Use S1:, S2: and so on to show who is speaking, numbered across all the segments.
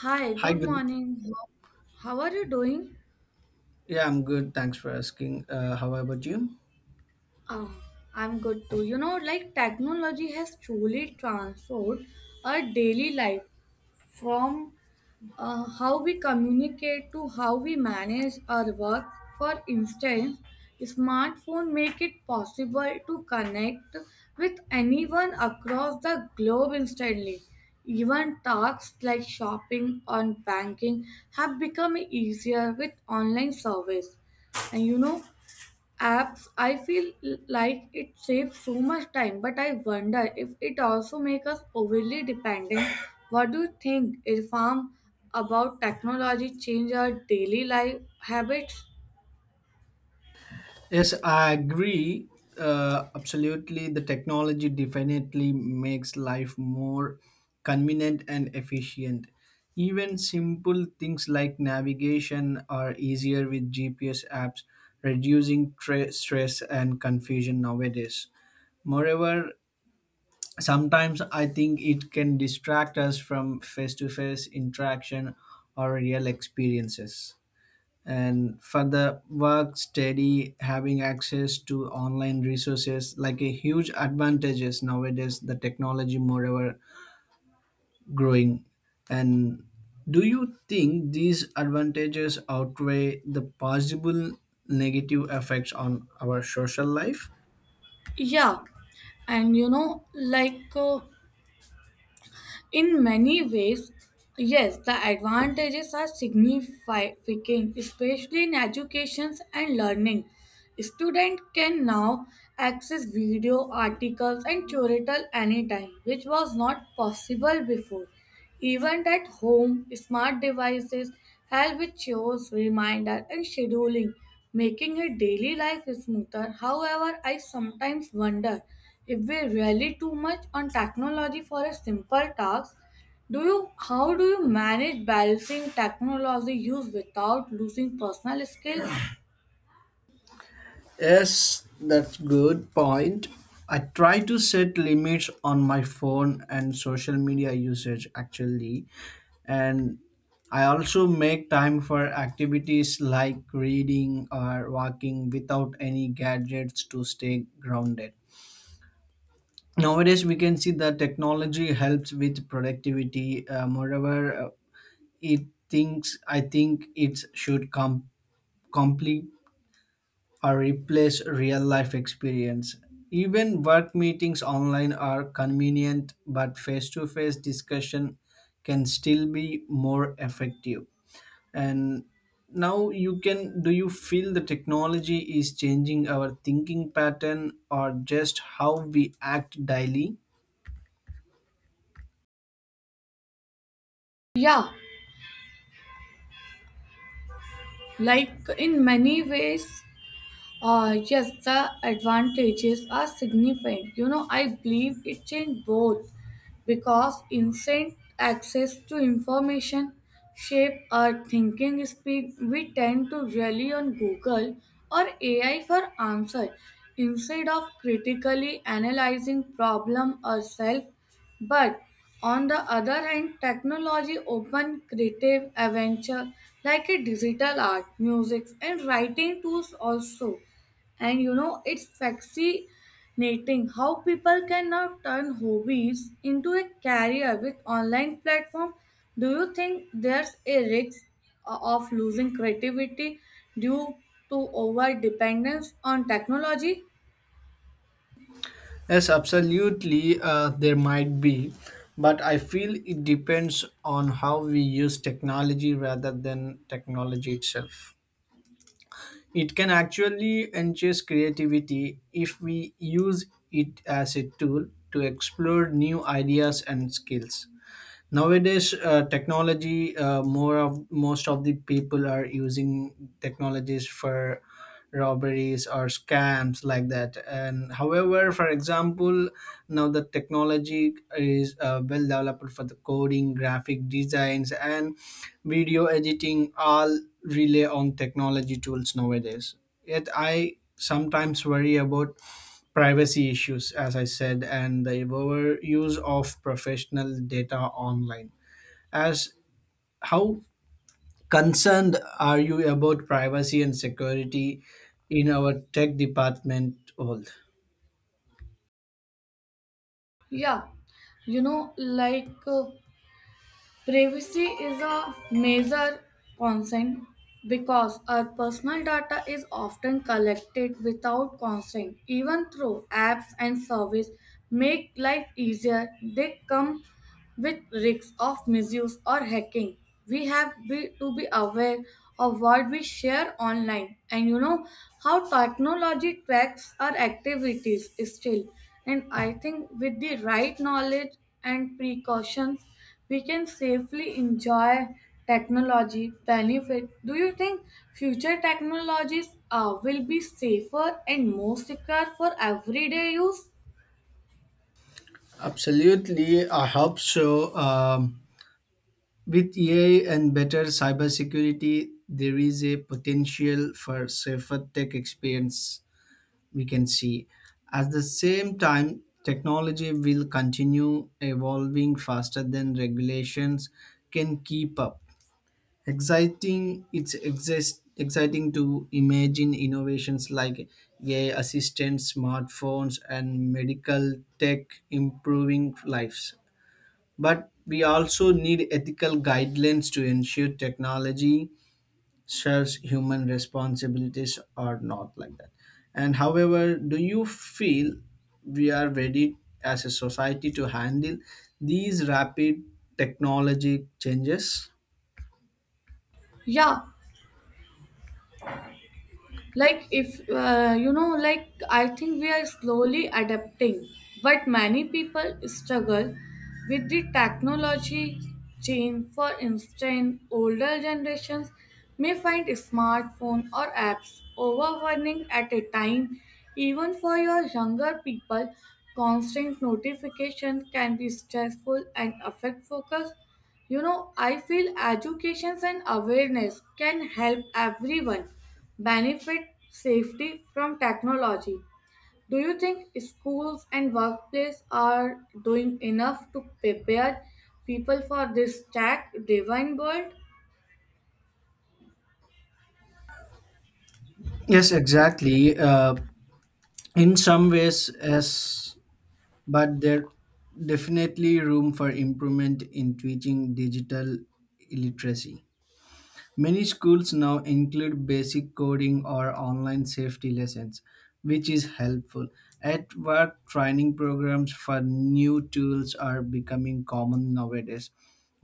S1: Hi,
S2: Hi,
S1: good
S2: good.
S1: morning. How are you doing?
S2: Yeah, I'm good. Thanks for asking. How about you?
S1: Oh, I'm good too. You know, like technology has truly transformed our daily life from how we communicate to how we manage our work. For instance, smartphone make it possible to connect with anyone across the globe instantly. Even tasks like shopping or banking have become easier with online service. And you know, apps I feel like it saves so much time but I wonder if it also makes us overly dependent what do you think irfan about technology change our daily life habits.
S2: Yes, I agree. Absolutely, the technology definitely makes life more convenient and efficient. Even simple things like navigation are easier with GPS apps, reducing stress and confusion nowadays. Moreover, sometimes I think it can distract us from face to face interaction or real experiences. And for the work study, having access to online resources like a huge advantages nowadays, the technology moreover growing. And do you think these advantages outweigh the possible negative effects on our social life?
S1: Yeah, and you know in many ways, yes, the advantages are significant, especially in educations and learning. Students can now access video, articles, and tutorial anytime, which was not possible before. Even at home, smart devices help with chores, reminder, and scheduling, making a daily life smoother. However, I sometimes wonder if we rely too much on technology for a simple task. Do you how do you manage balancing technology use without losing personal skills?
S2: Yes, that's good point. I try to set limits on my phone and social media usage actually, and I also make time for activities like reading or walking without any gadgets to stay grounded. Nowadays, we can see that technology helps with productivity. Moreover, it thinks I think it should complete or replace real life experience. Even work meetings online are convenient, but face to face discussion can still be more effective. And now you can do you feel the technology is changing our thinking pattern or just how we act daily?
S1: Yeah, like in many ways yes, the advantages are significant. You know, I believe it changed both because instant access to information shape our thinking speed. We tend to rely on Google or AI for answer instead of critically analyzing problem ourselves. But on the other hand, technology open creative adventure like a digital art, music, and writing tools also. And you know, it's fascinating how people can now turn hobbies into a career with online platform. Do you think there's a risk of losing creativity due to over dependence on technology?
S2: Yes, absolutely, there might be, but I feel it depends on how we use technology rather than technology itself. It can actually enhance creativity if we use it as a tool to explore new ideas and skills nowadays. Technology, more of most of the people are using technologies for robberies or scams like that. And however, for example, now the technology is well developed for the coding, graphic designs, and video editing, all rely on technology tools nowadays. Yet I sometimes worry about privacy issues, as I said, and the overuse of professional data online. As how concerned are you about privacy and security in our tech department? All
S1: Yeah, you know, privacy is a major concern because our personal data is often collected without consent. Even through apps and service make life easier, they come with risks of misuse or hacking, we have to be aware of what we share online and you know how technology tracks our activities still. And I think with the right knowledge and precautions, we can safely enjoy technology benefit. Do you think future technologies will be safer and more secure for everyday use?
S2: absolutely, I hope so. With AI and better cybersecurity, there is a potential for safer tech experience, we can see. At the same time, technology will continue evolving faster than regulations can keep up. Exciting, to imagine innovations like AI assistants, smartphones, and medical tech improving lives. But we also need ethical guidelines to ensure technology shares human responsibilities or not like that. And however, do you feel we are ready as a society to handle these rapid technology changes?
S1: Yeah, like if you know like I think we are slowly adapting but many people struggle with the technology change for instance older generations may find smartphone or apps overwhelming at a time even for your younger people constant notification can be stressful and affect focus. You know, I feel educations and awareness can help everyone benefit safety from technology. Do you think schools and workplace are doing enough to prepare people for this tech driven world?
S2: Yes, exactly. In some ways yes, but there definitely room for improvement in teaching digital illiteracy. Many schools now include basic coding or online safety lessons, which is helpful. At work, training programs for new tools are becoming common nowadays,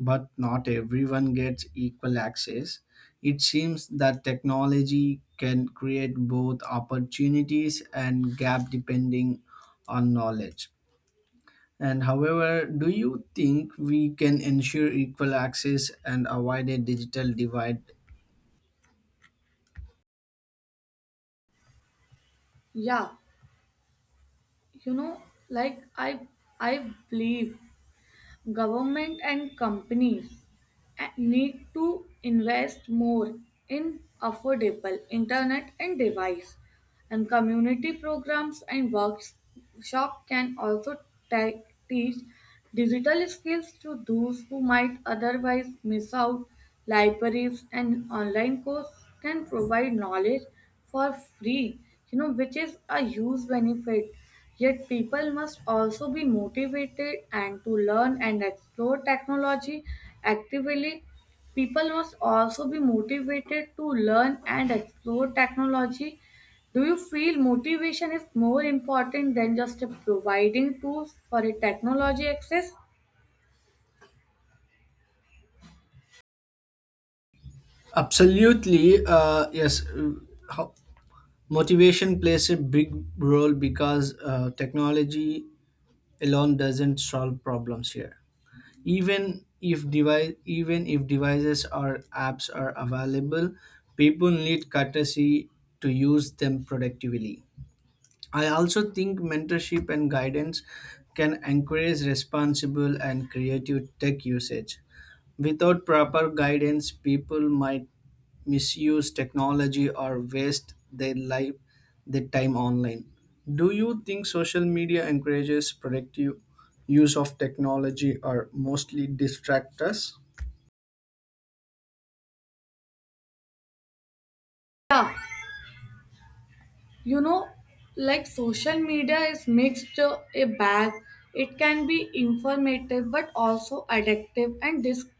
S2: but not everyone gets equal access. It seems that technology can create both opportunities and gap depending on knowledge. And however, do you think we can ensure equal access and avoid a digital divide?
S1: Yeah, you know, like I believe government and companies need to invest more in affordable internet and device and community programs and workshop can also te- teach digital skills to those who might otherwise miss out. Libraries and online courses can provide knowledge for free, you know, which is a huge benefit. Yet people must also be motivated and to learn and explore technology actively. People must also be motivated to learn and explore technology. Do you feel motivation is more important than just providing tools for a technology access?
S2: Absolutely, yes. How, motivation plays a big role because technology alone doesn't solve problems here. Even if devices or apps are available, people need courtesy to use them productively. I also think mentorship and guidance can encourage responsible and creative tech usage. Without proper guidance, people might misuse technology or waste their time online. Do you think social media encourages productive use of technology or mostly distract us?
S1: Yeah, you know, like social media is mixed a bag. It can be informative but also addictive and discarding.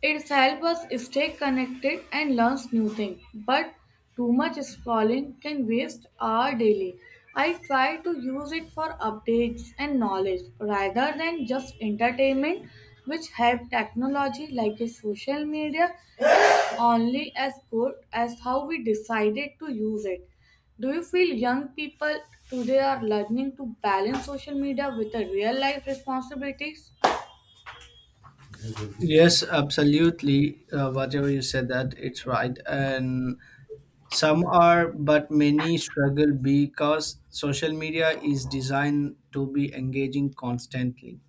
S1: It's help us stay connected and learns new things, but too much scrolling can waste our daily. I try to use it for updates and knowledge rather than just entertainment, which help technology like a social media is only as good as how we decided to use it. Do you feel young people today are learning to balance social media with their real life responsibilities?
S2: Yes, absolutely. Whatever you said, that it's right. And some are, but many struggle because social media is designed to be engaging constantly.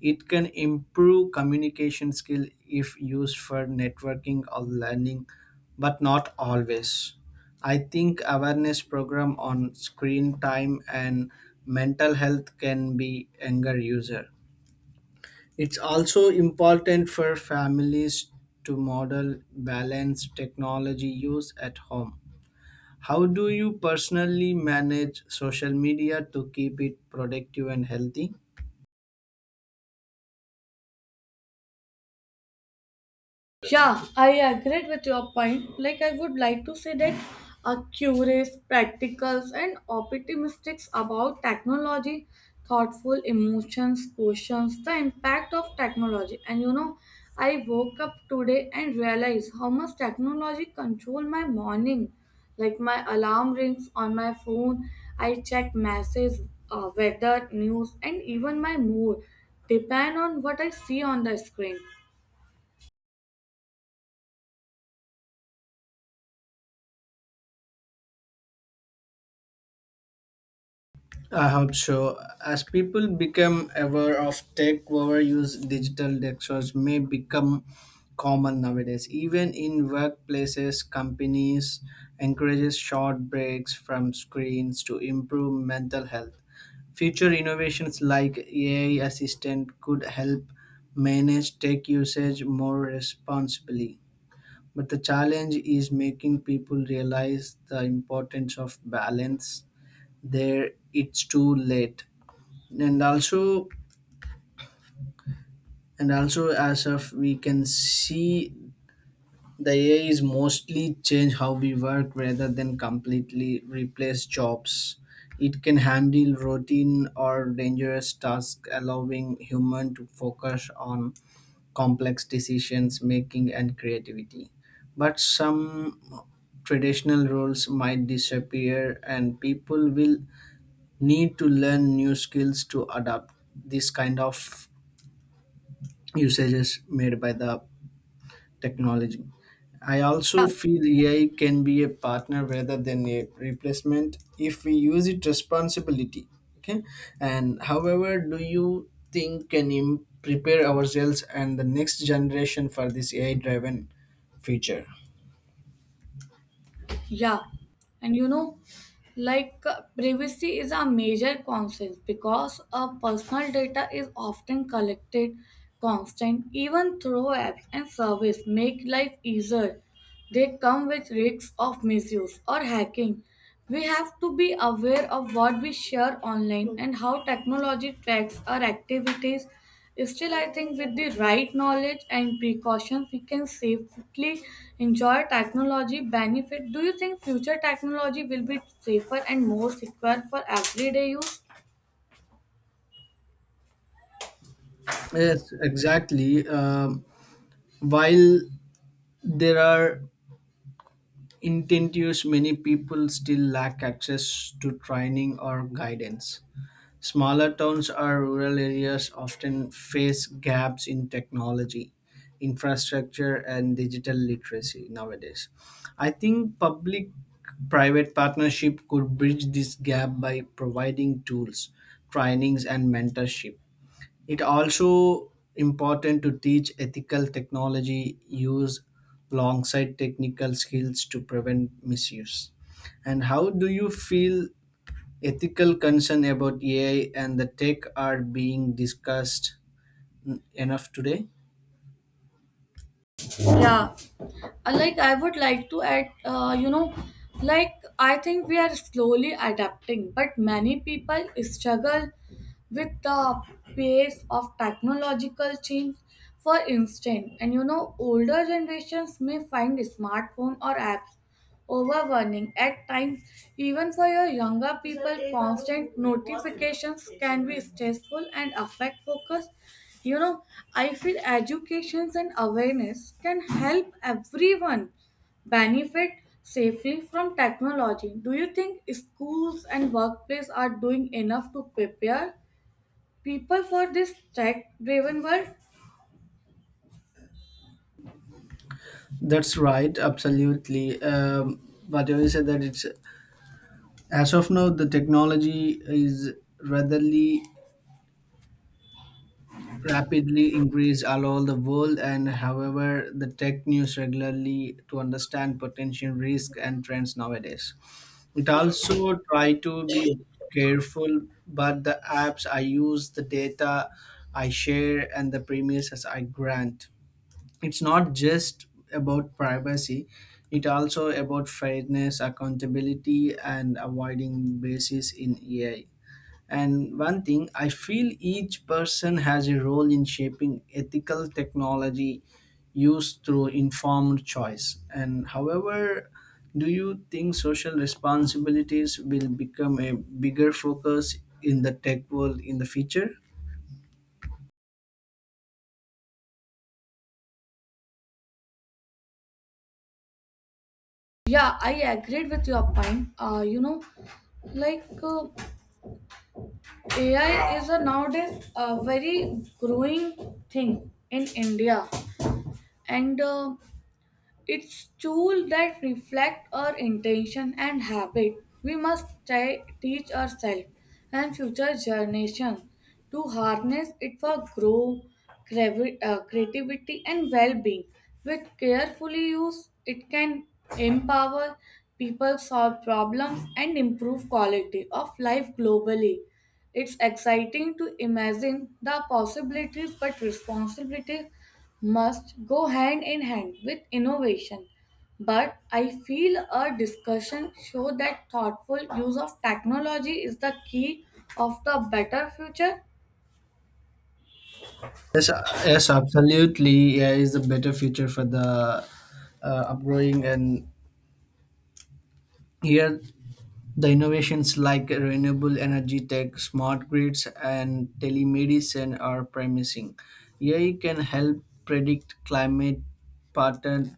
S2: It can improve communication skill if used for networking or learning, but not always. I think awareness program on screen time and mental health can be anger user. It's also important for families to model balanced technology use at home. How do you personally manage social media to keep it productive and healthy?
S1: Yeah, I agree with your point. Like, I would like to say that are curious, practical, and optimistic about technology, thoughtful emotions, questions, the impact of technology. And you know, I woke up today and realized how much technology control my morning. Like, my alarm rings on my phone, I check messages, weather, news, and even my mood depend on what I see on the screen.
S2: I hope so. As people become aware of tech overuse, digital detox may become common nowadays. Even in workplaces, companies encourages short breaks from screens to improve mental health. Future innovations like AI assistant could help manage tech usage more responsibly. But the challenge is making people realize the importance of balance there it's too late. And also and also as of we can see, the AI is mostly change how we work rather than completely replace jobs. It can handle routine or dangerous tasks, allowing human to focus on complex decisions making and creativity. But some traditional roles might disappear and people will need to learn new skills to adapt these kind of usages made by the technology. I also feel AI can be a partner rather than a replacement if we use it responsibility. Okay. And however, do you think can prepare ourselves and the next generation for this AI driven future?
S1: Yeah, and you know, privacy is a major concern because personal data is often collected constant even through apps and service make life easier. They come with risks of misuse or hacking, we have to be aware of what we share online and how technology tracks our activities. Still, I think with the right knowledge and precautions, we can safely enjoy technology benefit. Do you think future technology will be safer and more secure for everyday use?
S2: Yes, exactly. While there are intentions, many people still lack access to training or guidance. Smaller towns or rural areas often face gaps in technology, infrastructure, and digital literacy nowadays. I think public private partnership could bridge this gap by providing tools, trainings, and mentorship. It also important to teach ethical technology use alongside technical skills to prevent misuse. And how do you feel ethical concern about AI and the tech are being discussed enough today?
S1: Yeah. Like I would like to add you know like I think we are slowly adapting but many people struggle with the pace of technological change for instance and you know older generations may find smartphone or apps overwhelming at times even for your younger people constant notifications can be stressful and affect focus. You know I feel educations and awareness can help everyone benefit safely from technology. Do you think schools and workplace are doing enough to prepare people for this tech driven world?
S2: That's right, absolutely. Whatever you said that it's as of now the technology is readily rapidly increased all over the world. And however, the tech news regularly to understand potential risk and trends nowadays. It also try to be careful, but the apps I use, the data I share, and the premises I grant, it's not just about privacy, it also about fairness, accountability, and avoiding biases in AI. And one thing I feel, each person has a role in shaping ethical technology used through informed choice. And however, do you think social responsibilities will become a bigger focus in the tech world in the future?
S1: Yeah I agreed with your point. You know, like uh, AI is a nowadays a very growing thing in India, and it's tools that reflect our intention and habit. We must try, teach ourselves and future generations to harness it for growth, creativity, and well-being. With carefully use, it can empower people, solve problems, and improve quality of life globally. It's exciting to imagine the possibilities, but responsibility must go hand in hand with innovation. But I feel our discussion show that thoughtful use of technology is the key of the better future.
S2: Yes, absolutely. Yeah, is a better future for the uh, upgrowing and here. The innovations like renewable energy tech, smart grids, and telemedicine are promising. AI can help predict climate pattern,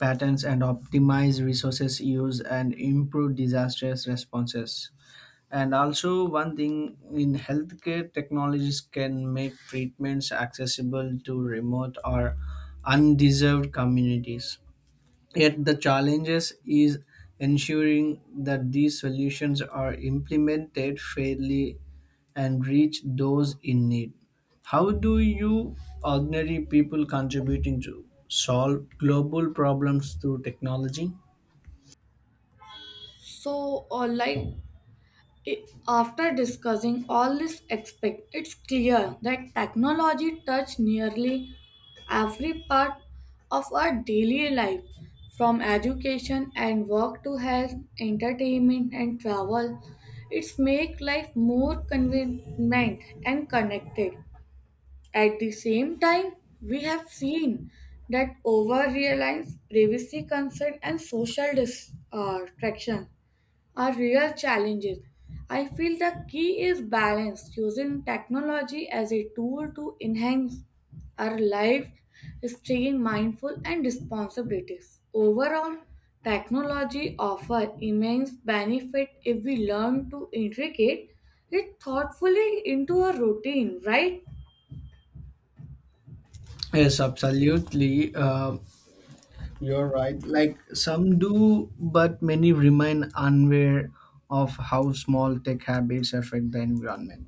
S2: patterns and optimize resources use and improve disaster responses. And also, one thing in healthcare, technologies can make treatments accessible to remote or undeserved communities. Yet the challenges is ensuring that these solutions are implemented fairly and reach those in need. How do you ordinary people contributing to solve global problems through technology?
S1: So, like after discussing all this aspect, it's clear that technology touches nearly every part of our daily life, from education and work to health, entertainment and travel. It's make life more convenient and connected. At the same time, we have seen that over reliance, privacy concern, and social traction are real challenges. I feel the key is balance, using technology as a tool to enhance our life, staying mindful and responsibilities. Overall, technology offers immense benefit if we learn to integrate it thoughtfully into a routine, right?
S2: Yes, absolutely. You're right. Like some do, but many remain unaware of how small tech habits affect the environment.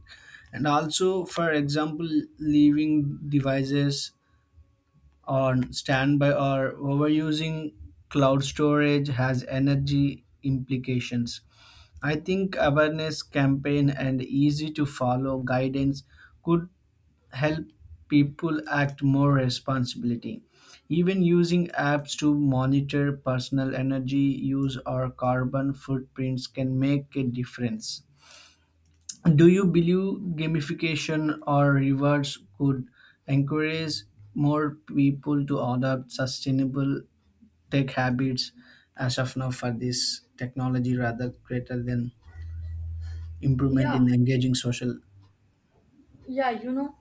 S2: And also, for example, leaving devices on standby or overusing cloud storage has energy implications. I think awareness campaign and easy to follow guidance could help people act more responsibility, even using apps to monitor personal energy use or carbon footprints can make a difference. Do you believe gamification or rewards could encourage more people to adopt sustainable tech habits as of now for this technology rather greater than improvement
S1: Yeah.
S2: in engaging social?
S1: Yeah you know,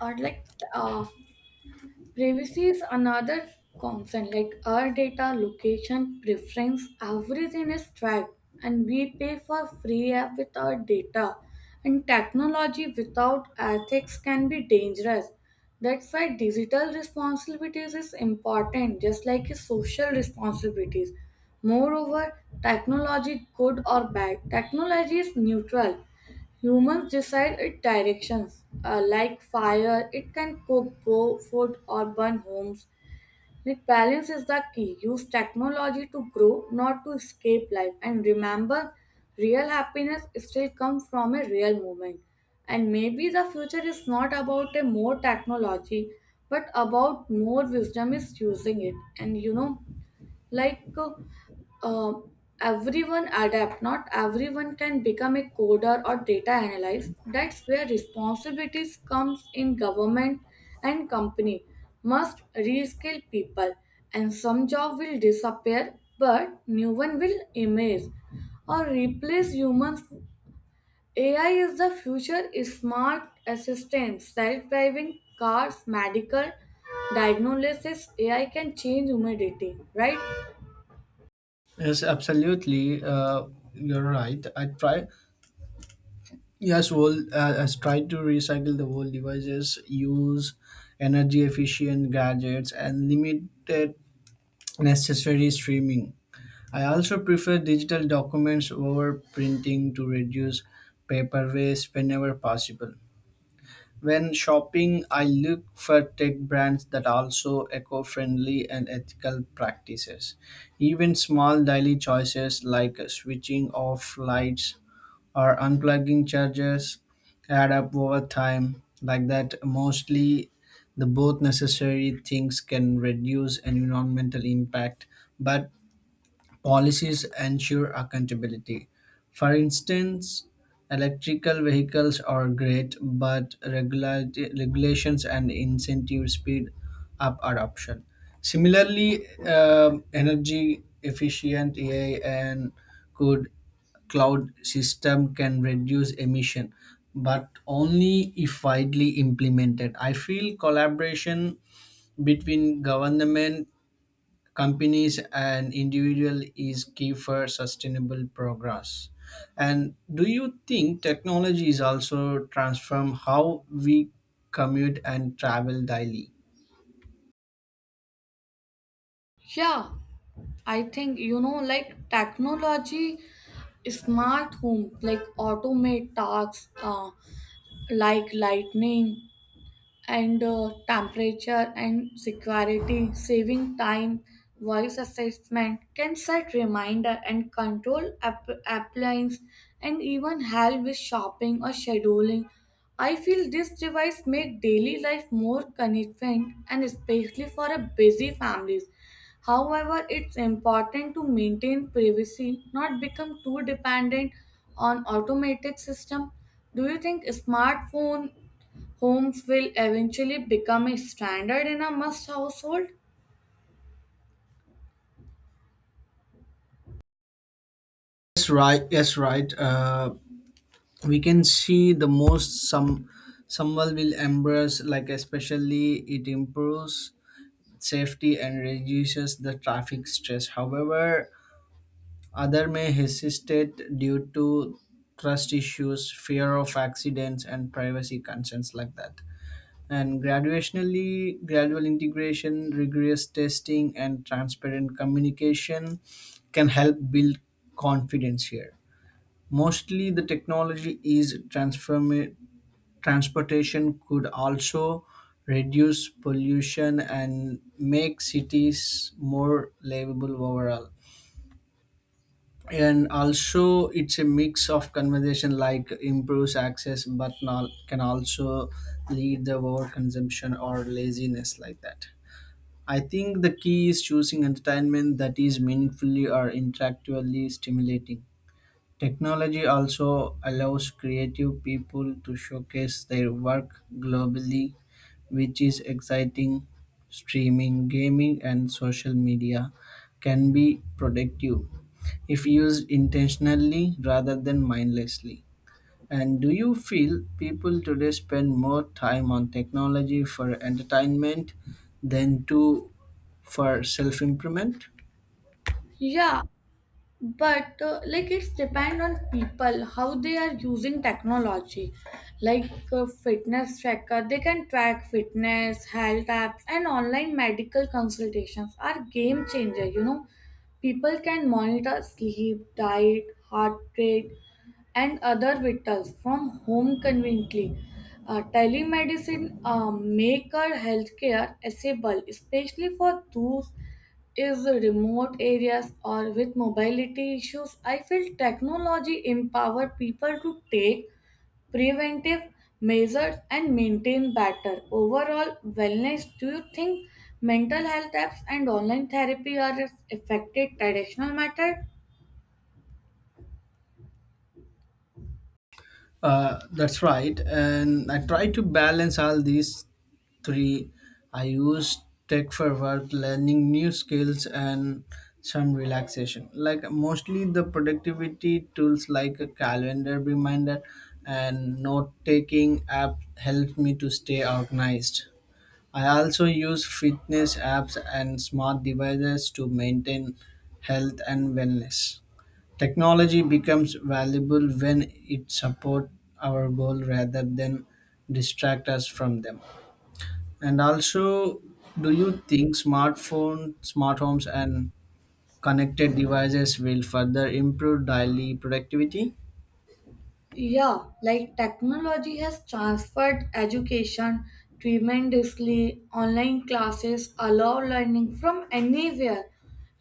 S1: or like uh, privacy is another concern like our data location preference everything is tracked and we pay for free app with our data and technology without ethics can be dangerous. That's why digital responsibilities is important just like is social responsibilities. Moreover technology good or bad technology is neutral. Humans decide its directions. Like fire, it can cook food or burn homes. Yet balance is the key. Use technology to grow, not to escape life. And remember, real happiness still comes from a real moment. And maybe the future is not about a more technology, but about more wisdom is using it. And you know, like uh, um, everyone adapt not everyone can become a coder or data analyst. That's where responsibilities comes in government and company must reskill people and some job will disappear but new one will emerge or replace humans. Ai is the future smart assistants, self-driving cars medical diagnosis ai can change humanity, right?
S2: Yes, absolutely. You're right. I try. Yes, well, has tried to recycle the old devices, use energy efficient gadgets, and limited necessary streaming. I also prefer digital documents over printing to reduce paper waste whenever possible. When shopping, I look for tech brands that also eco friendly and ethical practices. Even small daily choices like switching off lights or unplugging charges add up over time. Like that, mostly the both necessary things can reduce environmental impact, but policies ensure accountability. For instance, electrical vehicles are great, but regulations and incentives speed up adoption. Similarly, energy efficient AI and good cloud system can reduce emission, but only if widely implemented. I feel collaboration between government, companies, and individual is key for sustainable progress. And do you think technology is also transform how we commute and travel daily?
S1: Yeah, I think you know, like technology, smart home, like automate tasks, like lightning and temperature and security, saving time, voice assessment can set reminder and control appliance and even help with shopping or scheduling. I feel this device make daily life more convenient and especially for a busy families. However, it's important to maintain privacy, not become too dependent on automated system. Do you think smartphone homes will eventually become a standard in a must household?
S2: Yes right yes right uh, We can see the most someone will embrace, like especially it improves safety and reduces the traffic stress. However, other may hesitate due to trust issues, fear of accidents, and privacy concerns like that. And graduationally, gradual integration, rigorous testing, and transparent communication can help build confidence here. Mostly, the technology is transform transportation could also reduce pollution and make cities more livable overall. And also, it's a mix of conversation like improves access but not, can also lead the over consumption or laziness like that. I think the key is choosing entertainment that is meaningfully or intellectually stimulating. Technology also allows creative people to showcase their work globally, which is exciting. Streaming, gaming, and social media can be productive if used intentionally rather than mindlessly. And do you feel people today spend more time on technology for entertainment than to for self improvement?
S1: Yeah, but like it's depend on people how they are using technology like fitness tracker they can track fitness health apps and online medical consultations are game changer, you know people can monitor sleep diet heart rate and other vitals from home conveniently. Telemedicine make our healthcare accessible, especially for those is remote areas or with mobility issues. I feel technology empower people to take preventive measures and maintain better overall wellness. Do you think mental health apps and online therapy are as effective traditional method?
S2: That's right. And I try to balance all these three. I use tech for work, learning new skills, and some relaxation. Like mostly the productivity tools like a calendar reminder and note taking app help me to stay organized. I also use fitness apps and smart devices to maintain health and wellness. Technology becomes valuable when it supports our goal rather than distract us from them. And also, do you think smartphone, smart homes, and connected devices will further improve daily productivity?
S1: Yeah, like technology has transferred education tremendously. Online classes allow learning from anywhere.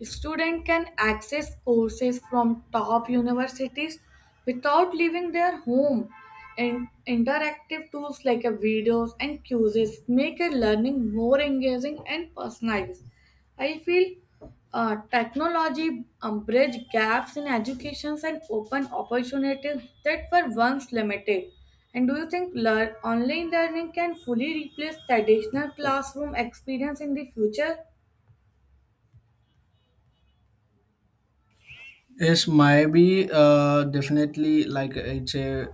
S1: Students can access courses from top universities without leaving their home. And interactive tools like a videos and quizzes make a learning more engaging and personalized. I feel technology bridge gaps in educations and open opportunities that were once limited. And do you think learn, online learning can fully replace traditional classroom experience in the future?
S2: Yes, maybe definitely, like it's a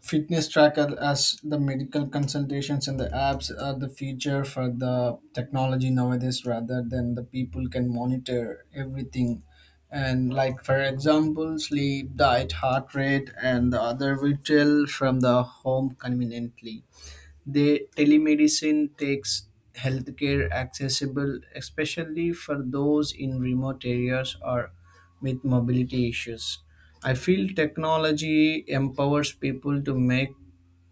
S2: fitness tracker as the medical consultations and the apps are the feature for the technology nowadays, rather than the people can monitor everything. And like for example, sleep diet heart rate and the other retail from the home conveniently. The telemedicine takes healthcare accessible, especially for those in remote areas or with mobility issues. I feel technology empowers people to make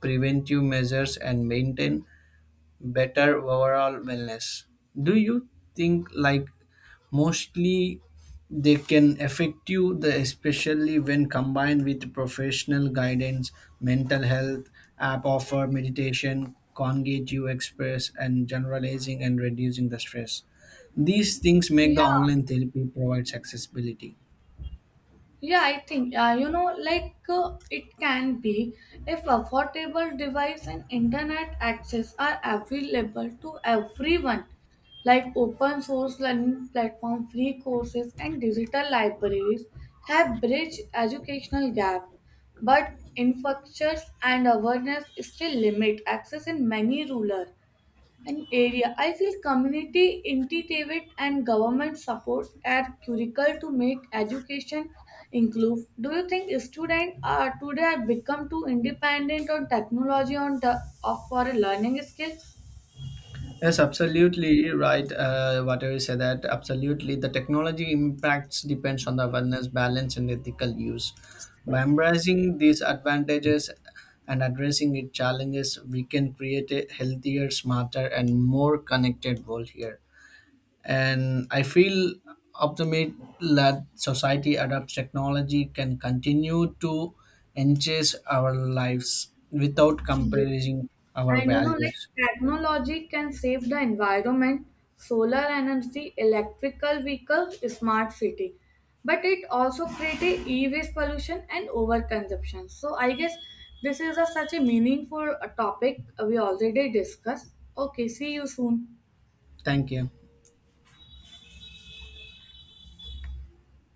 S2: preventive measures and maintain better overall wellness. Do you think, like mostly they can affect you the especially when combined with professional guidance, mental health app offer, meditation, congate you express and generalizing and reducing the stress. These things make the
S1: Yeah,
S2: online therapy provides accessibility.
S1: yeah, I think, you know, it can be if affordable device and internet access are available to everyone, like open source learning platform, free courses, and digital libraries have bridged educational gap, but infrastructures and awareness still limit access in many rural an area. I feel community initiative and government support are critical to make education inclusive. Do you think students are today are become too independent on technology on the, of for a learning skills?
S2: Yes, absolutely right. Whatever you say that, absolutely. The technology impacts depends on the awareness, balance, and ethical use. By embracing these advantages and addressing its challenges, we can create a healthier, smarter, and more connected world here. And I feel optimistic that society adopts technology can continue to enhance our lives without compromising our
S1: And you know, like
S2: values.
S1: technology can save the environment, solar energy, electrical vehicle, smart city. But it also create a e-waste pollution and overconsumption. So I guess this is a, such a meaningful topic we already discussed. Okay, see you soon.
S2: Thank you.